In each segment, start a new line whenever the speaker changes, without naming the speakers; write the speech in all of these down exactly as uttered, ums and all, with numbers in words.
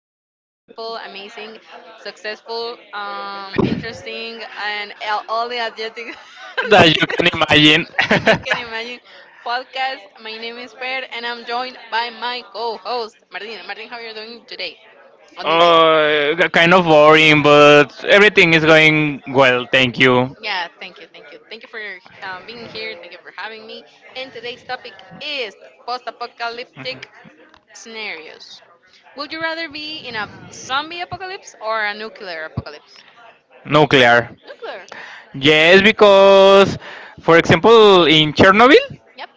again at this beautiful, amazing, successful, um, interesting, and all all the adjectives
That
you
you can imagine.
can you can imagine podcast. My name is Per, and I'm joined by my co-host Martin. Martin, how are you doing today on this day?
Oh, k- kind of boring, but everything is going well, thank you.
Yeah, thank you, thank you. Thank you for your, um, being here. Thank you for having me. And today's topic is post apocalyptic scenarios. Would you rather be in a zombie apocalypse or a nuclear apocalypse?
Nuclear.
Nuclear.
Yes, because, for example, in Chernobyl,
Yep.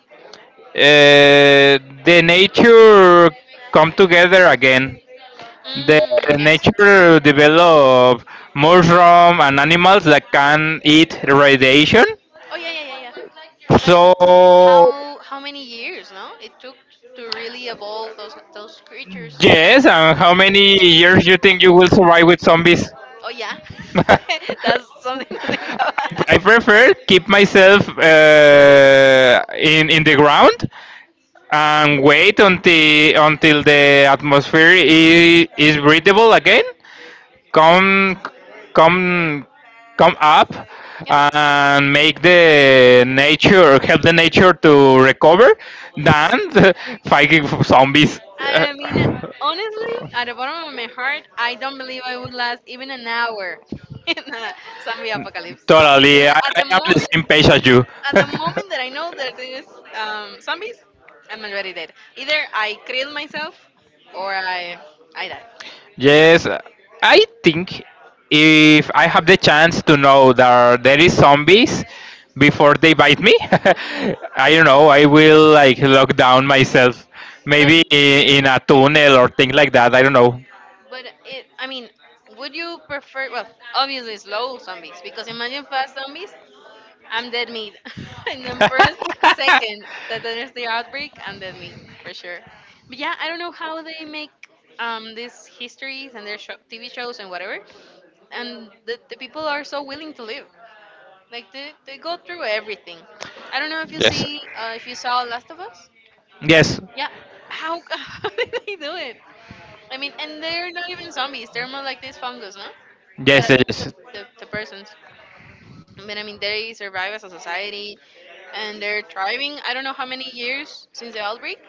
uh, the nature come together again. The
Mm, yes.
nature develop mushroom and animals that can eat radiation.
Oh yeah, yeah, yeah, yeah. But
So
how how many years? No, it took to really evolve those those creatures.
yes, and how many years you think you will survive with zombies?
Oh yeah, that's something to think about.
I prefer keep myself uh, in in the ground and wait until until the atmosphere is, is breathable again. Come come come up
Yep.
and make the nature help the nature to recover than fighting zombies. Uh,
I mean, honestly, at the bottom of my heart, I don't believe I would last even an hour in a zombie apocalypse. I
Totally,
mean,
I,
at
I
the
am the
moment,
same page as you.
at the moment that I know that there's um, zombies, I'm already dead. Either I kill myself or I I die.
Yes, I think if I have the chance to know that there is zombies before they bite me.
Yeah,
I don't know. I will like lock down myself,
but
maybe i- in a tunnel or things like that. I don't know.
but it, I mean, would you prefer? Well, obviously, slow zombies because imagine fast zombies. I'm dead meat. And then first, second, that there's the outbreak, I'm dead meat for sure. But yeah, I don't know how they make um, these histories and their sho T V shows and whatever, and the, the people are so willing to live. Like they, they go through everything. I don't know if you
Yes.
see uh, if you saw Last of Us.
Yes.
Yeah,
Yes.
how, how did they do it? I mean, and they're not even zombies. They're more like this fungus, no?
Yes.
That affects the,
yes.
the, the persons. But I mean, they survive as a society, and they're thriving. I don't know how many years since the outbreak,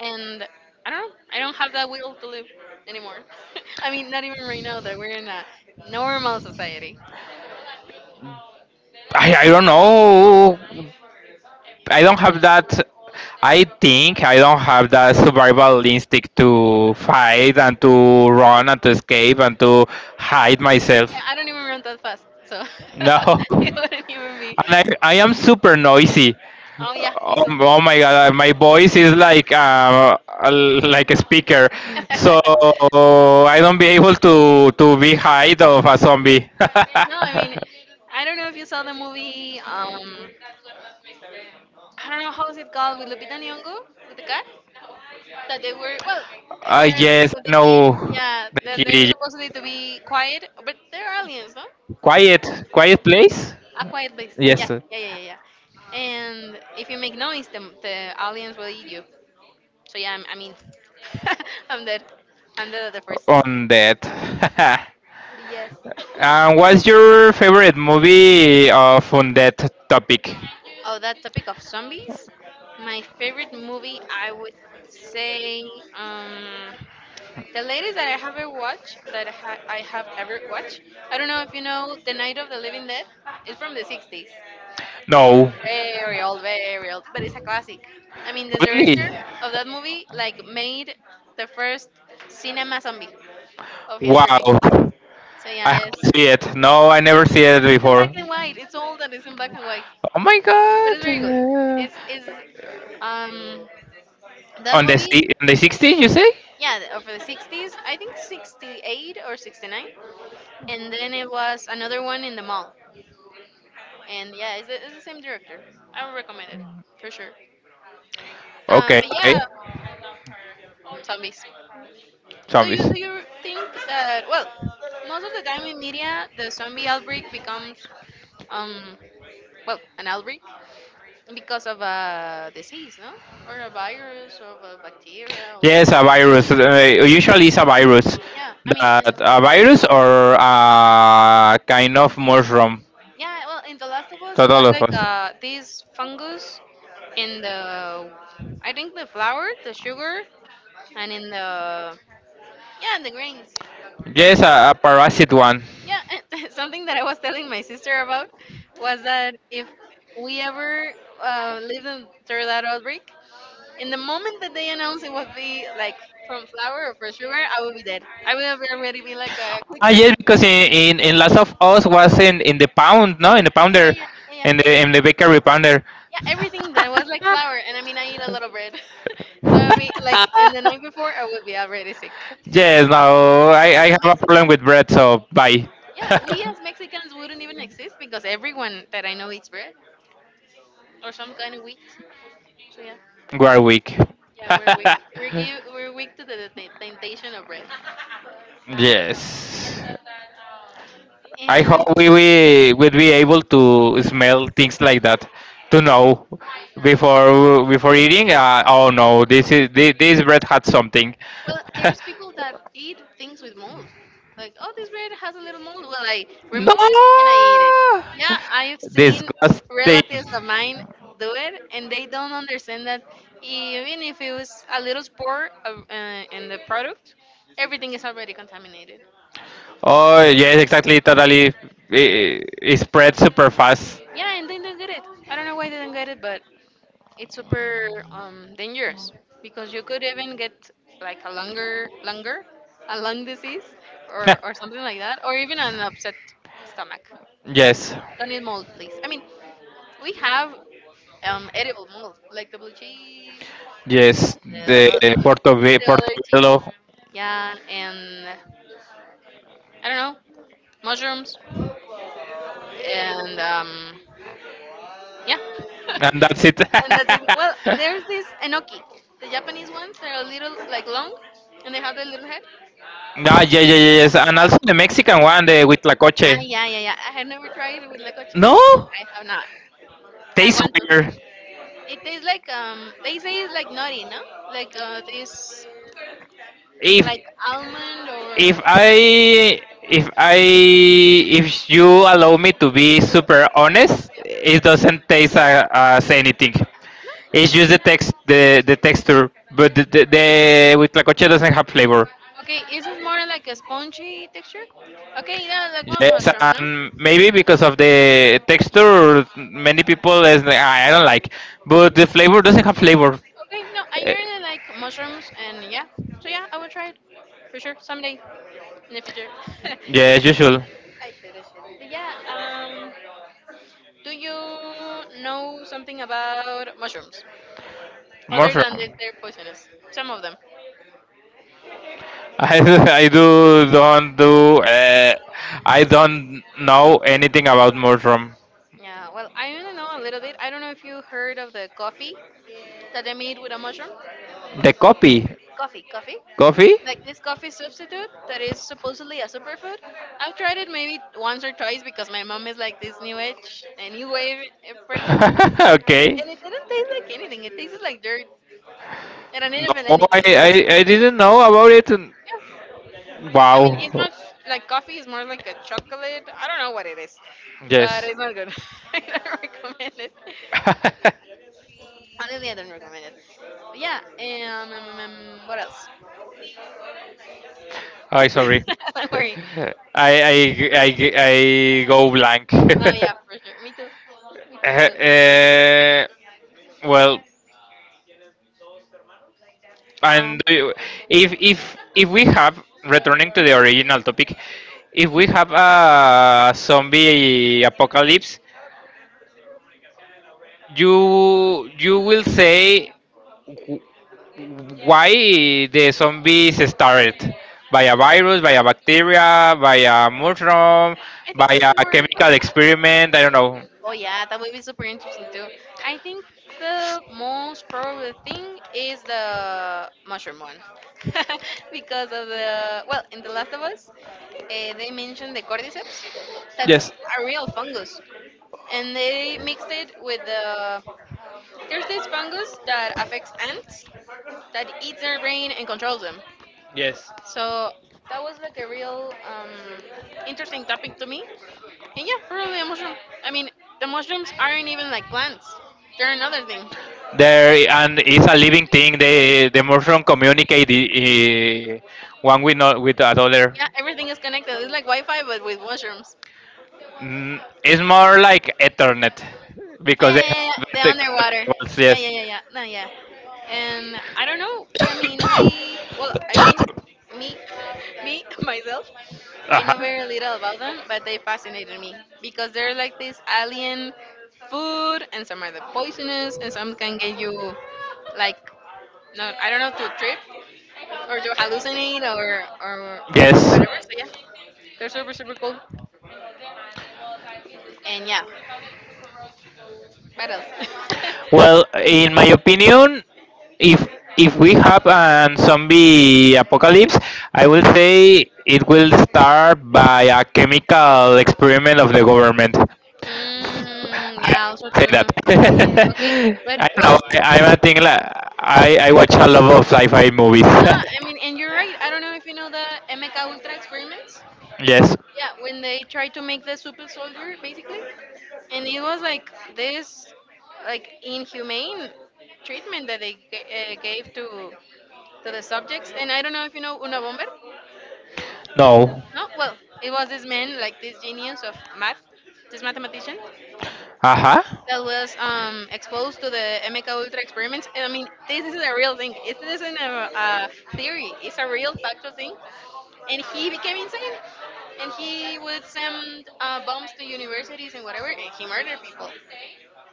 and I don't know. I don't have that will to live anymore. I mean, not even right now that we're in a normal society.
I, I don't know. I don't have that. I think I don't have that survival instinct to fight and to run and to escape and to hide myself.
Yeah, I don't even run that fast, so
No,
it wouldn't even be.
and I, I am super noisy.
Oh yeah, me
Oh,
too.
oh my god, uh, my voice is like uh, a- like a speaker, so I don't be able to to be hide of a zombie. uh,
No, I mean, I don't know if you saw the movie. Um, I don't know how is it called with Lupita Nyong'o with the cat? That they were, well, they were
yes,
with
I
the kid,
know
yeah,
the
then they're
kitty.
supposedly to be quiet, but they're aliens, no?
Quiet, quiet place.
A quiet place, yeah,
Yes,
yeah, yeah, yeah, yeah, and if you make noise, the, the aliens will eat you, so yeah, i'm i mean I'm dead, I'm dead at the first.
on that.
Yes.
And what's your favorite movie of on that topic?
Oh, that topic of zombies, my favorite movie I would say um the latest that I have ever watched, that I, ha- I have ever watched, I don't know if you know The Night of the Living Dead. It's from the sixties.
No,
Very old, very old, but it's a classic. I mean, the director
really?
of that movie like made the first cinema zombie of history.
Wow,
So
I
yeah,
have
it's,
to see it. No, I never see it
it's in black
before.
and white. It's all that is in black and white,
Oh my
but it's
god!
very good.
Uh,
It's it's um that
on the
movie.
si- on the sixties, you say?
Yeah, the- of the sixties, I think sixty-eight or sixty-nine. And then it was another one in the mall, and yeah, it's the, it's the same director. I would recommend it for sure. Um,
Okay,
but
okay.
yeah, zombies. Do you
Zombies.
do you think that, well, most of the time in media, the zombie outbreak becomes um well an outbreak because of a disease, no, or a virus, or of a bacteria, or
Yes, a virus. Uh, usually it's a virus.
yeah. I mean, and
That a virus or a kind of mushroom.
yeah, well, in The Last of Us, it
Total
was
of
like
us.
uh this fungus in the, I think the flour, the sugar, and in the, yeah, in the grains.
Yes, a, a parasite one.
Yeah, and something that I was telling my sister about was that if we ever uh, lived in, through that outbreak, in the moment that they announced it would be like from flour or from sugar, I would be dead. I would have already been like a
Ah,
quicker. Yeah,
yes, because in, in, in Last of Us was in, in the pound, no, in
yeah,
the pounder,
yeah, yeah,
in the
yeah.
in the bakery pounder.
Yeah, everything that was like flour, and I mean, I eat a lot of bread, so I mean, like, and the night before, I would be already sick.
yes, no, I,
As
I
a
have a
Mex-
problem with bread, so bye.
yeah, we as Mexicans wouldn't even exist because everyone that I know eats bread or some kind of wheat. So yeah.
Warwick.
Yeah, we're weak. We're give, we're weak to the t- temptation of bread. Yes.
Yes. I hope
And
we we would be able to smell things like that to know before before eating. Uh, oh no, this is this, this bread had something.
well, there's people that eat things with mold. Like, oh, this bread has a little mold. Well, I remove
no,
it and I eat it. Yeah, I've seen
disgusting.
relatives of mine do it, and they don't understand that even if it was a little spore of, uh, in the product, everything is already contaminated.
Oh, yes, exactly. Totally. It, it spreads super fast.
Yeah, and they don't get it. I don't know why they don't get it, but it's super um, dangerous because you could even get like a longer longer a lung disease or, or something like that or even an upset stomach, so yeah,
yes,
don't eat mold, please. I mean, we have um, edible mold like the blue cheese,
yes.
the, the,
The
the
Portobello,
other cheese,
Portobello,
yeah, and I don't know, mushrooms and um, yeah.
and that's it.
And that's it. Well, there's this enoki. The Japanese ones, they're a little like long, and they have the little head.
no, yeah, yeah, yeah, yes. And
Uh,
also the Mexican one, the
ah,
Huitlacoche.
yeah, yeah, yeah. I have never tried it with lecoche.
No,
I have not. I
tastes
want
weird.
to. It tastes like um. They say it's like nutty, no? Like uh, this,
if
like almond or.
if I if I if you allow me to be super honest, it doesn't taste uh, as anything. It's just the text the the texture, but the the, the huitlacoche doesn't have flavor.
Okay, is this is more like a spongy texture? Okay, yeah, like one
Yes,
mushroom, no?
and maybe because of the texture, many people is like, "Ah, I don't like, but the flavor doesn't have flavor."
Okay, no, I
Eh,
really like mushrooms, and yeah, so yeah, I will try it for sure someday in the future.
yeah, as usual.
I should, I should. But yeah, um, do you know something about mushrooms other than that
Mushroom.
they're poisonous? Some of them.
I do- I do don't do uh, I don't know anything about mushroom.
Yeah, well, I only know a little bit. I don't know if you heard of the coffee that they made with a mushroom.
The copy.
Coffee, coffee.
Coffee?
Like this coffee substitute that is supposedly a superfood. I've tried it maybe once or twice because my mom is like this new age, a new wave eh, person,
okay.
and it didn't taste like anything. It tasted like dirt, and I didn't feel
No, I,
anything. It,
I I didn't know about it.
yeah, I mean it's
Wow.
not like coffee. It's more like a chocolate. I don't know what it is, but
Yes.
it's not good. I don't recommend it. Honestly, I don't recommend it. But yeah. Um, um, um, um, what else?
I sorry.
Don't
I
worry.
I I I go blank.
No, yeah, for sure. Me too. Me too. Me too.
Uh, well, and
Um.
do you- if if if we have returning to the original topic, if we have a zombie apocalypse, you you will say why the zombies started by a virus, by a bacteria, by a mushroom,
I think
by
it's
a
more.
chemical experiment. I don't know.
Oh yeah, that would be super interesting too. I think the most probable thing is the mushroom one, because of the, well, in The Last of Us, uh, they mentioned the cordyceps. That's
Yes.
a real fungus, and they mixed it with the. There's this fungus that affects ants that eats their brain and controls them.
Yes.
So that was like a real um, interesting topic to me. And yeah, probably a mushroom. I mean, the mushrooms aren't even like plants; they're another thing.
There and it's a living thing. They the mushroom communicate eh, one with not with another.
Yeah, everything is connected. It's like Wi-Fi, but with mushrooms.
Mm, it's more like Ethernet
Oh
because
yeah,
they
yeah, yeah, yeah.
have
The
the
underwater.
cables,
Yeah,
yes.
yeah, yeah, yeah. No, yeah. And I don't know. I mean, we. Well, I mean, me, me, myself. I
Uh-huh.
know very little about them, but they fascinated me because they're like this alien food, and some are the poisonous, and some can get you like, no, I don't know, to trip or to hallucinate or or,
Yes.
or whatever. So yeah, they're super super cool. And yeah, what else?
Well, in my opinion, if if we have an zombie apocalypse, I will say it will start by a chemical experiment of the government.
Mm,
I
yeah, also
say that.
too. Okay, but
I don't
well,
know. I, I'm a thing like I, I watch a lot of sci-fi movies.
no, I mean, and you're right. I don't know if you know the MK Ultra experiments.
yes.
Yeah, when they tried to make the super soldier, basically, and it was like this, like inhumane treatment that they g- uh, gave to to the subjects. And I don't know if you know Una Bomber.
No.
No, well, it was this man, like this genius of math, this mathematician,
Uh huh.
that was um, exposed to the MK Ultra experiments. And I mean, this is a real thing. It isn't a, a theory. It's a real factual thing. And he became insane. And he would send uh, bombs to universities and whatever, and he murdered people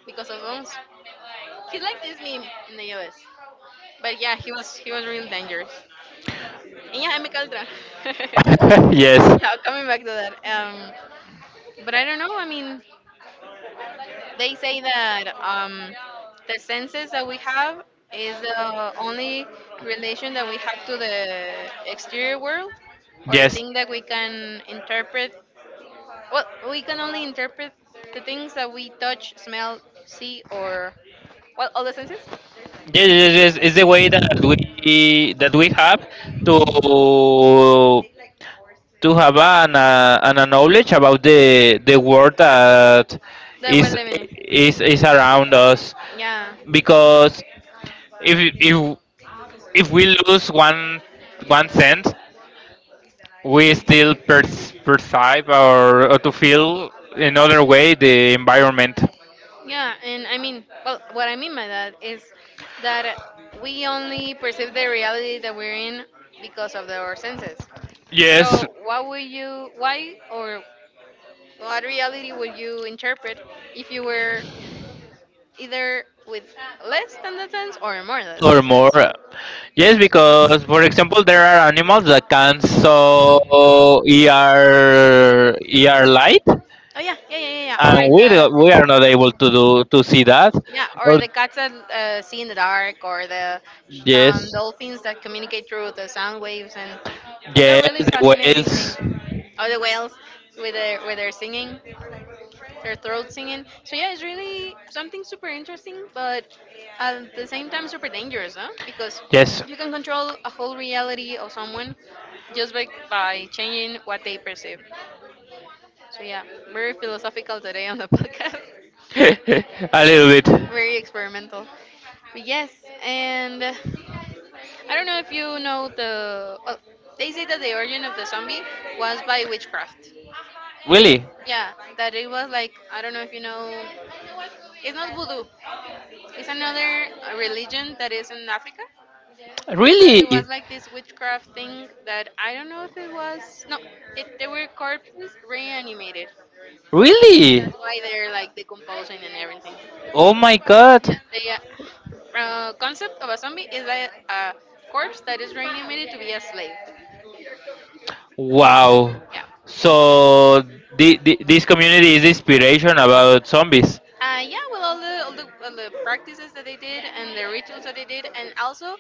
because of bombs. He's like this meme in the U S. But yeah, he was he was real dangerous. And yeah, MK Ultra.
yes.
Now coming back to that. Um, but I don't know. I mean, they say that um, the senses that we have is the only relation that we have to the exterior world or the
Yes.
thing that we can interpret. Well, we can only interpret
their
the
thinking
things that we touch,
by
smell, see,
their.
or well, all the senses
Yes, yes, yes. It's the way that we that we have to to have an uh, an a knowledge about the the world that
that we're
is
living
is
in.
is around us
Yeah.
because if if if we lose one one cent we still perce- perceive, or, or to feel in other way the environment.
Yeah, and I mean, well, what I mean by that is that we only perceive the reality that we're in because of the, our senses.
Yes,
So, what would you, why or what reality would you interpret if you were either with less than the sense or more than the
or
sense?
more. Yes, because for
Yeah.
example, there are animals that can so E R E R light,
Oh yeah, yeah, yeah, yeah,
and we
yeah.
do-
Or
we are not able to
the
do to see that.
Yeah, or
Or
the cats that uh, see in the dark, or the um,
yes,
dolphins that communicate through the sound waves, and it's a
yes,
really
the
fascinating thing.
whales.
Or the whales with their with their singing, their throat singing. So yeah, it's really something super interesting, but at the same time super dangerous, huh? Because
Yes.
you can control a whole reality of someone just by by changing what they perceive. So yeah, very philosophical today on the podcast.
a little bit.
Very experimental. But yes, and I don't know if you know the. Well, they say that the origin of the zombie was by witchcraft.
Really?
Yeah, that it was like I don't know if you know. It's not voodoo. It's another uh, religion that is in Africa. That
Really?
it was like this witchcraft thing that I don't know if it was. No, it, they were corpses reanimated. That's
Really?
why they're like decomposing and everything.
Oh my god.
Yeah, Uh, concept of a zombie is like a corpse that is reanimated to be a slave.
Wow.
Yeah.
So the, the, this community is inspiration about zombies.
Uh, yeah, well, all the, all the all the practices that they did and the rituals that they did, and also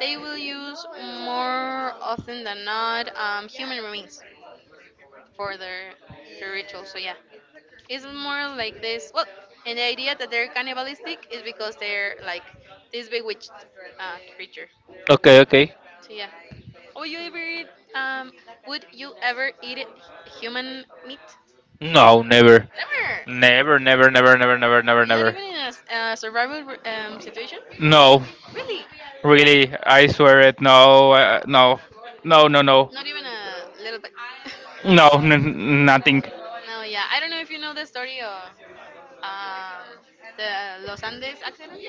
they will use more often than not um, human remains for their their rituals. So yeah, it's more like this. Well, and the idea that they're cannibalistic is because they're like this bewitched uh, creature.
Okay, okay.
So yeah. Would you ever eat? Um, would you ever eat it, human meat?
No, never.
Never.
Never, never, never, never, never, never,
Not
never.
even in a, s- a survival r- um, situation.
No,
Really?
really, I swear it. No, uh, no, no, no, no,
Not even a little bit.
no, n- nothing.
No. Yeah. I don't know if you know the story of um, the Los Andes accident.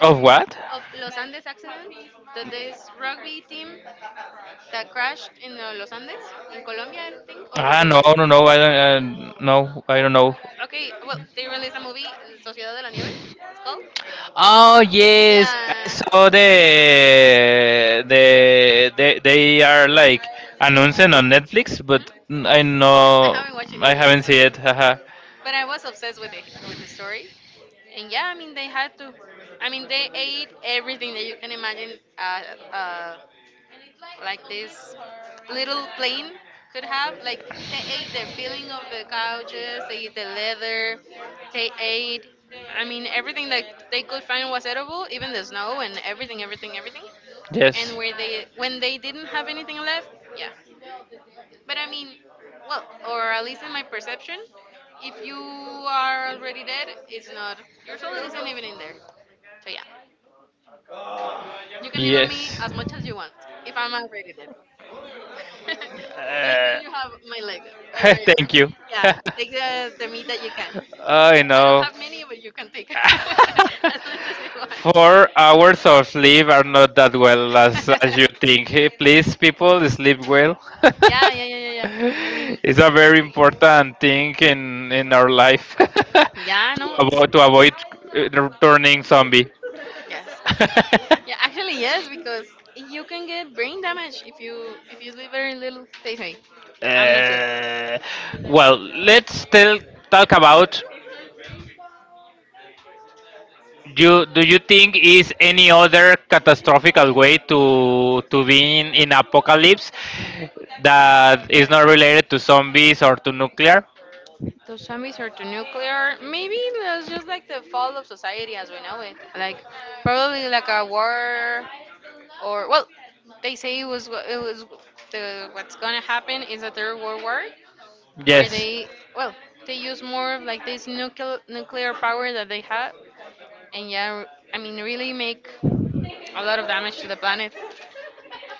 Of what?
Of Los Andes accident, that this rugby team that crashed in the Los Andes, in Colombia, I think, or
Ah, no,
Uruguay.
no, no. I don't. Uh, no,
No?
I don't know.
Okay, well, they released a movie, Sociedad de la Nieve, it's called.
Oh yes, I
Yeah.
saw the the they they are like announcing on Netflix, but
Mhm.
I I
No, I
know.
haven't watched it
I
either,
haven't watched it. I haven't seen it. Haha.
but I was obsessed with it with the story. And yeah, I mean they had to. I mean they ate everything that you can imagine. Uh, uh, like this little plane could have. Like they ate the filling of the couches, they ate the leather, they ate. I mean everything that they could find was edible, even the snow and everything, everything, everything. And
Yes.
where they when they didn't have anything left, yeah. But I mean, well, or at least in my perception, if you are already dead, it's not. Your soul isn't even in there. So yeah, you can evil me
Yes.
as much as you want if I'm already dead. You
Uh,
have my leg or my arm.
thank you.
Yeah, take the, the meat that you can.
I
I don't
know.
have many, but you can take as much as you want.
Four hours of sleep are not that well as, as you think. Hey, please, people, sleep well.
Yeah, yeah, yeah, yeah, yeah. I mean,
it's a very important thing in, in our life,
yeah, no.
about to avoid uh, turning zombie.
Yes. Yeah, actually yes, because you can get brain damage if you if you sleep very little. They say, I'm not sure.
Uh, well, let's still talk about, do do you think is any other catastrophical way to to being in apocalypse that is not related to zombies or to nuclear?
Those zombies are too nuclear. Maybe that's just like the fall of society as we know it. Like probably like a war, or well, they say it was it was the what's gonna happen is a third world war, where
Yes.
they well they use more of like this nuclear nuclear power that they have, and yeah, I mean really make a lot of damage to the planet.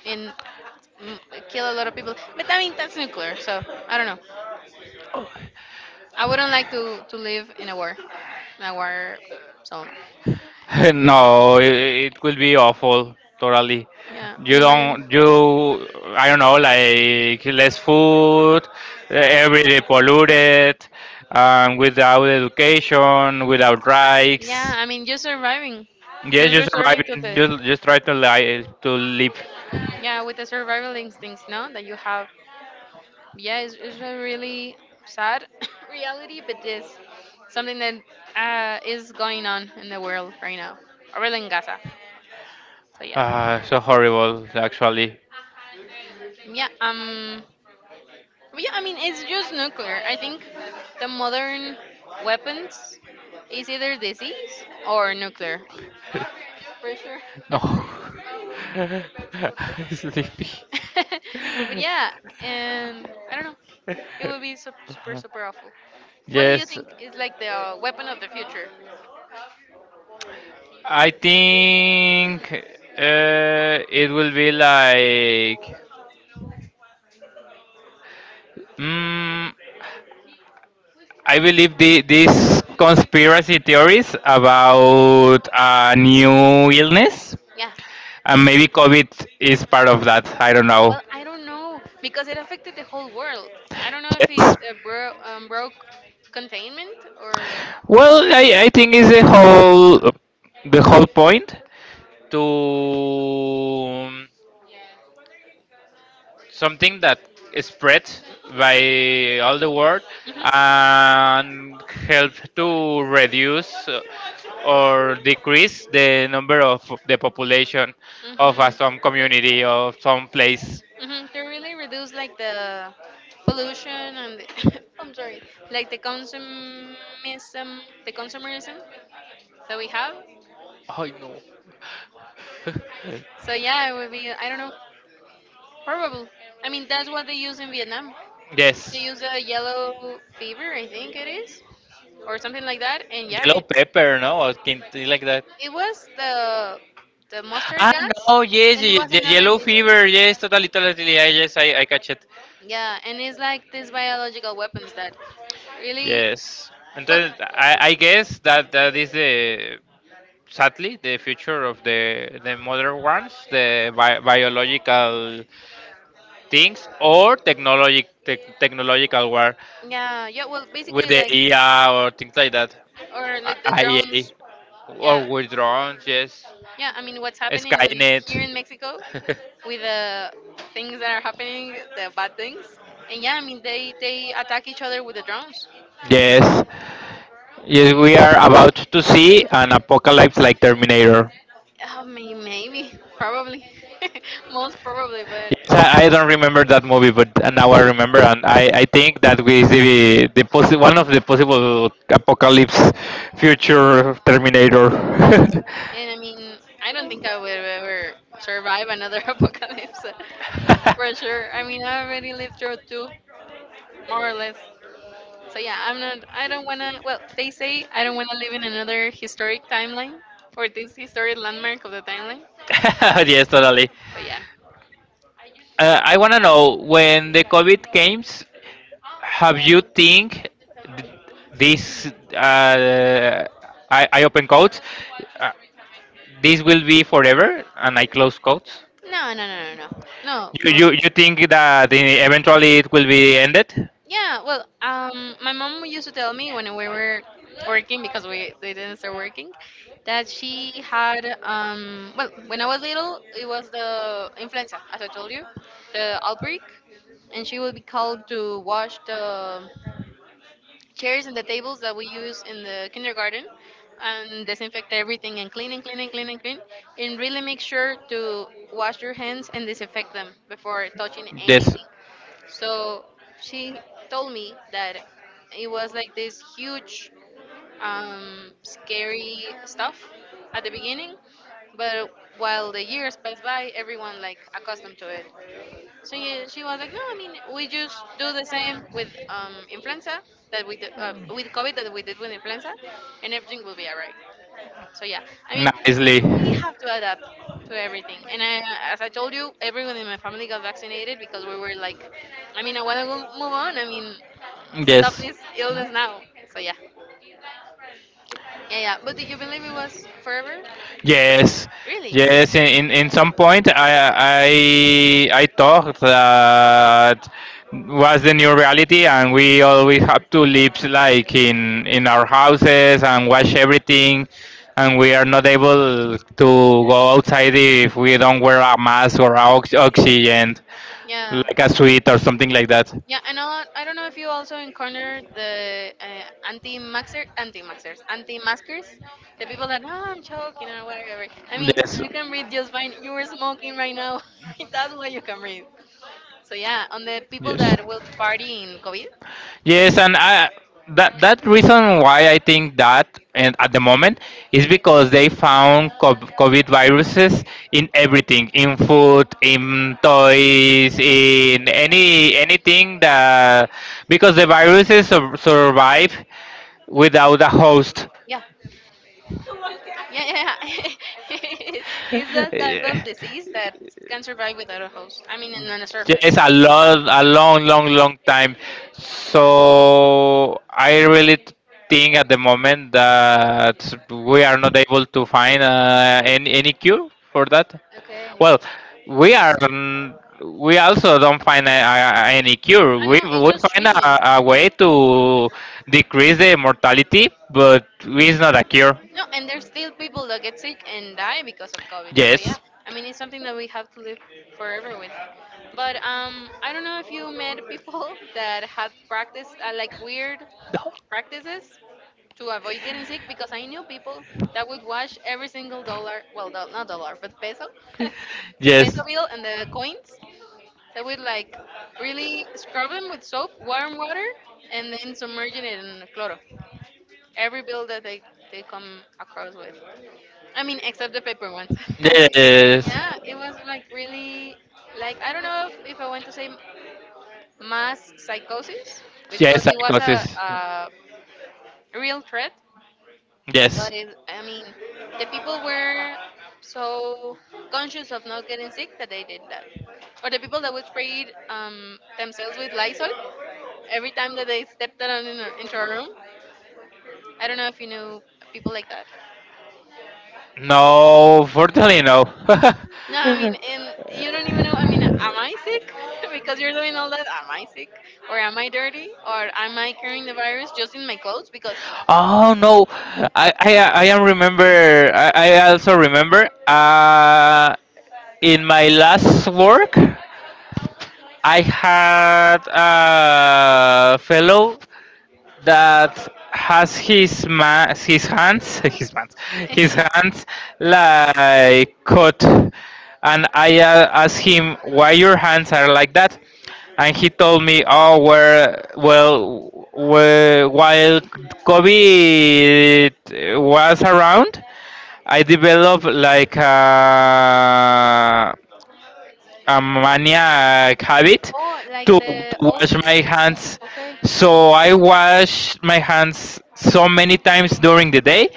And mm, kill a lot of people. But I mean, that's nuclear, so I don't know. I wouldn't like to to live in a war, in a war zone.
no, it, it could be awful. Totally,
Yeah,
you
and imagine.
don't you. I don't know, like less food, every day polluted, um, without education, without
Yeah,
rights.
I mean, just surviving,
Yes,
just
just
resorting to
surviving.
the
Just just try to li- to live.
yeah with the survival instincts, no, that you have yeah, it's, it's a really sad reality, but it's something that uh, is going on in the world right now, or really in Gaza. So yeah,
Ah, so horrible, actually.
yeah, um, but yeah, I mean, it's just nuclear. I think the modern weapons is either disease or nuclear, for sure.
No, I'm sleepy.
But yeah, and I don't know, it would be super, super, super awful. What do you
Yes,
think is like the uh, weapon of the future?
I think uh, it will be like. Mm, I believe the, these conspiracy theories about a new illness,
Yeah.
and maybe COVID is part of that. I don't know.
Well, I don't know because it affected the whole world. I don't know if it
Yes.
uh, bro- um, broke containment or.
Well, I, I think it's the whole the whole point to something that is spread by all the world
Mhm.
and help to reduce uh, or decrease the number of the population of a,
Mhm.
some community or some place.
Mhm. They really reduce like the pollution and the I'm sorry, like the consumism, the consumerism that we have.
I know.
So yeah, it would be. I don't know. Probably. I mean, that's what they use in Vietnam. You
yes.
use a yellow fever, I think it is, or something like that. And yeah,
Yellow
it,
pepper, no? Or something like that.
it was the the mustard
Ah,
gas,
no, yes,
and it
yes,
was
the
another
yellow
disease.
fever, yes, totally, totally, yeah, yes, I, I catch it.
Yeah, and it's like these biological weapons that really,
Yes, and
well,
then I, I guess that that is the sadly the future of the the modern ones, the bi- biological things or technologic tech technological war
yeah, yeah, well,
with
basically
the
like
A I or things like that,
or like the drones.
I A
Yeah,
or with drones, yes,
yeah, I mean, what's happening in,
Skynet.
here in Mexico with the things that are happening, the bad things, and yeah, I mean, they they attack each other with the drones.
yes, yes, we are about to see an apocalypse like Terminator.
I mean, maybe, probably, most probably, but
Yes, I, I don't remember that movie, but now I remember, and I, I think that we see the, the possi- one of the possible apocalypse future Terminator.
yeah. And I mean, I don't think I would ever survive another apocalypse, for sure. I mean, I already lived through two, more or less. So yeah, I'm not. I don't wanna. Well, they say I don't wanna live in another historic timeline or this historic landmark of the timeline.
yes, totally.
So yeah.
Uh, I want to know when the COVID came. Have you think th- this, uh, I, I open quotes uh, this will be forever and i close quotes.
No, no, no, no, no. No,
You, you
for
you think that e- eventually it will be ended.
yeah. Well, um, my mom used to tell me when we were working because we they didn't start working that she had um well when I was little it was the influenza as I told you the outbreak, and she would be called to wash the chairs and the tables that we use in the kindergarten and disinfect everything and clean and clean and clean and clean, and really make sure to wash your hands and disinfect them before touching
Yes.
anything. So she told me that it was like this huge um, scary stuff at the beginning, but while the years pass by everyone like accustomed to it. So yeah, she was like, no, I mean, we just do the same with um, influenza that we do, uh, with COVID that we did with influenza, and everything will be alright. So yeah, I
I.
mean,
Nicely.
we have to adapt to everything. And I, as I told you, everyone in my family got vaccinated because we were like, I mean, I want to move on. I mean, stop
Yes.
this illness now. So yeah, yeah, yeah. But do you believe it was forever?
Yes,
Really?
yes. In, in in some point, I I I thought that was the new reality, and we always have to live like in in our houses and watch everything, and we are not able to go outside if we don't wear a mask or a ox- oxygen,
Yeah.
like a suit or something like that.
Yeah, and all, I don't know if you also encountered the uh, anti-maxer, anti-maxers, anti-maskers, the people that, oh, I'm choking or whatever. I mean,
Yes.
you can breathe just fine. You were smoking right now. That's why you can breathe. So yeah, on the people
Yes.
that will party in COVID,
Yes, and I, that that reason why I think that, and at the moment is because they found cov- COVID viruses in everything, in food, in toys, in any anything, that because the viruses sur- survive without a host.
yeah, yeah, yeah, yeah. It's that type of
Yeah.
disease that can survive without a host. I mean, on a surface.
Yes, a lot, a long, long, long time. So I really t- think at the moment that we are not able to find uh, any any cure for that.
Okay.
Well, we are. n- We also don't find a, a, a- any cure.
I
We
know it's
we
just
find a,
treatment.
a way to decrease the mortality, but it's not a cure.
No, and there's still people that get sick and die because of COVID. So yeah,
Yes,
I mean it's something that we have to live forever with. But um, I don't know if you met people that had practiced uh, like weird practices to avoid getting sick, because I knew people that would wash every single dollar, well, do- not dollar, but peso, the peso
yes.
bill and the coins. They would like really scrub them with soap, warm water, and then submerge it in chloro. Every bill that they, they come across with. I mean, except the paper ones.
Yes.
Yeah, it was like really, like I don't know if, if I want to say mass psychosis because
Yes, I
it was
got
a,
this.
a real threat,
Yes.
but it, I mean, the people were so conscious of not getting sick that they did that, or the people that would spray um, themselves with Lysol every time that they stepped out in, a- into a room. I don't know if you know people like that.
No, fortunately no.
No, I mean, and you don't even know. I mean, am I sick? Because you're doing all that. Am I sick? Or am I dirty? Or am I carrying the virus just in my
I don't
clothes? Because.
Oh no, I I I am remember. I, I also remember. Uh, in my last work, I had a fellow that has his ma- his hands, his hands his hands like cut, and I uh, asked him why your hands are like that, and he told me, "Oh, where, well, where, while Kobe was around, I developed like a, a maniac habit
Oh, like
to, to
the
wash my
O C D?
hands.
Okay.
So I wash my hands so many times during the day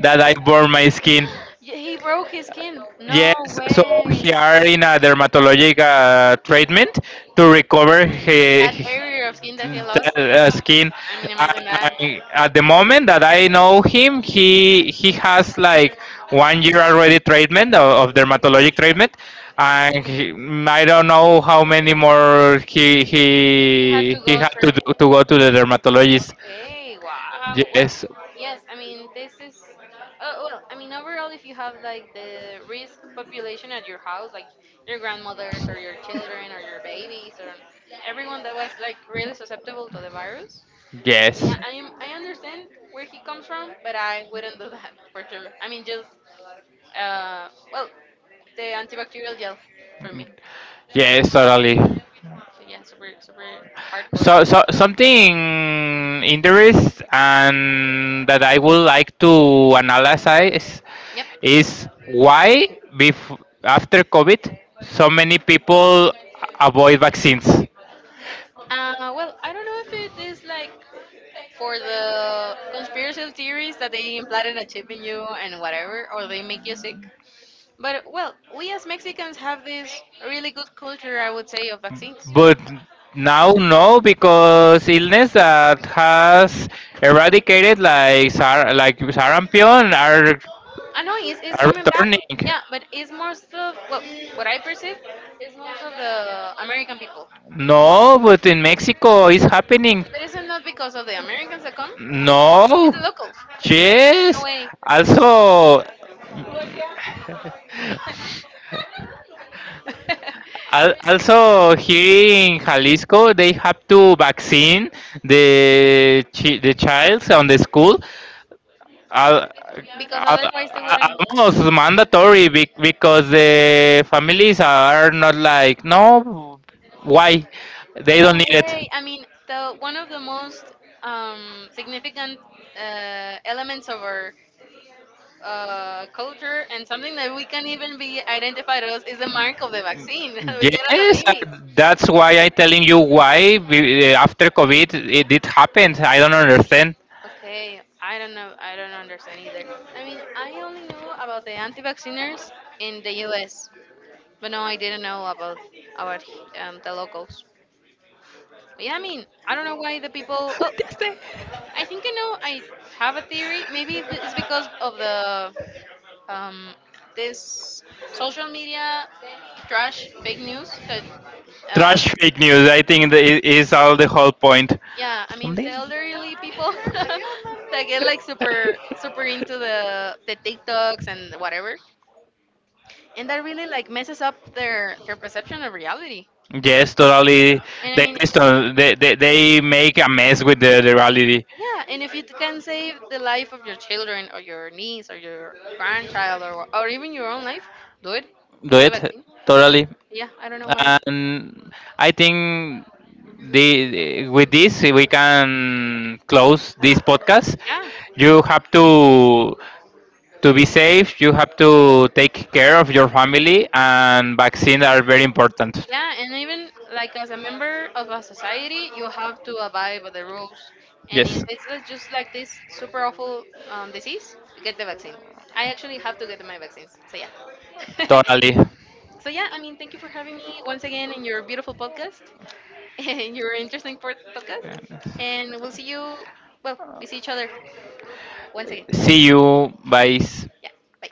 that I burn my skin."
Yeah, he broke his skin. No
Yes, so
way.
he are in a dermatologic uh, treatment to recover he,
That barrier of skin that he
that
lost,
uh, skin.
I mean,
I,
imagine that.
I, at the moment that I know him, he he has like one year already treatment of, of dermatologic treatment, and he, mm, i don't know how many more he
He had to
he he
go
had to,
through.
do, to go to the dermatologist.
Okay, wow. Well,
Yes.
yes, I mean, this is. Oh, well, I mean, overall, if you have like the risk population at your house, like your grandmothers or your children or your babies or everyone that was like really susceptible to the virus,
Yes,
yeah, I am, I understand where he comes from, but I wouldn't do that for sure. I mean, just uh, well, the antibacterial gel for me.
Yes, totally.
So yeah, super super hardcore.
So, so something interest and that I would like to analyze
Yep.
is why bef- after COVID so many people avoid vaccines.
Uh, well, I don't know if it is like for the conspiracy theories that they implanted a chip in you and whatever, or they make you sick. But well, we as Mexicans have this really good culture, I would say, of vaccines.
But now no, because illness that has eradicated like sar- like sarampion are
I know it's, it's
are
coming back.
returning.
Yeah, but it's most of well, what I perceive is most of the American people.
No, but in Mexico it's happening.
But it's not because of the Americans that come.
No.
It's the locals. No
Yes.
way.
Also, al- also here in Jalisco, they have to vaccine the chi- the child on the school. Al-
Because
al-
otherwise they
a-
wouldn't.
almost mandatory be- because the families are not like, no, why they don't
No
need it.
way. I mean, the one of the most um, significant uh, elements of our uh, culture and something that we can even be identified as is the mark of the vaccine that we get as a
Yes, uh,
babies.
that's why I'm telling you, why we, uh, after COVID it, it happened, I don't understand.
Okay, I don't know. I don't understand either. I mean, I only knew about the anti-vacciners in the U S, but no, I didn't know about about um, the locals. But yeah, I mean, I don't know why the people. Well, I think I know. I have a theory. Maybe it's because of the um, this social media trash, fake news that uh,
Trash fake news, I think that i- is all the whole point.
yeah I mean the
Then
elderly people that get like super super into the the tiktoks and whatever, and that really like messes up their their perception of reality,
yes, totally.
and I
They
mean
distor- they, they they make a mess with the, the reality.
yeah, and if you can save the life of your children or your niece or your grandchild or, or even your own life, do it,
Do
get the
it,
vaccine,
totally,
yeah I don't know why.
and I think the with this we can close this podcast.
Yeah.
You have to to be safe. You have to take care of your family, and vaccines are very important.
Yeah, and even like as a member of a society, you have to abide by the rules. And if
Yes.
it's uh, just like this super awful um, disease, get the vaccine. I actually have to get my vaccines. So yeah.
Totally.
So yeah, I mean, thank you for having me once again in your beautiful podcast and your interesting pod- podcast. And we'll see you. Well, we see each other once again. See
See you.
you.
Bye.
Yeah. Bye.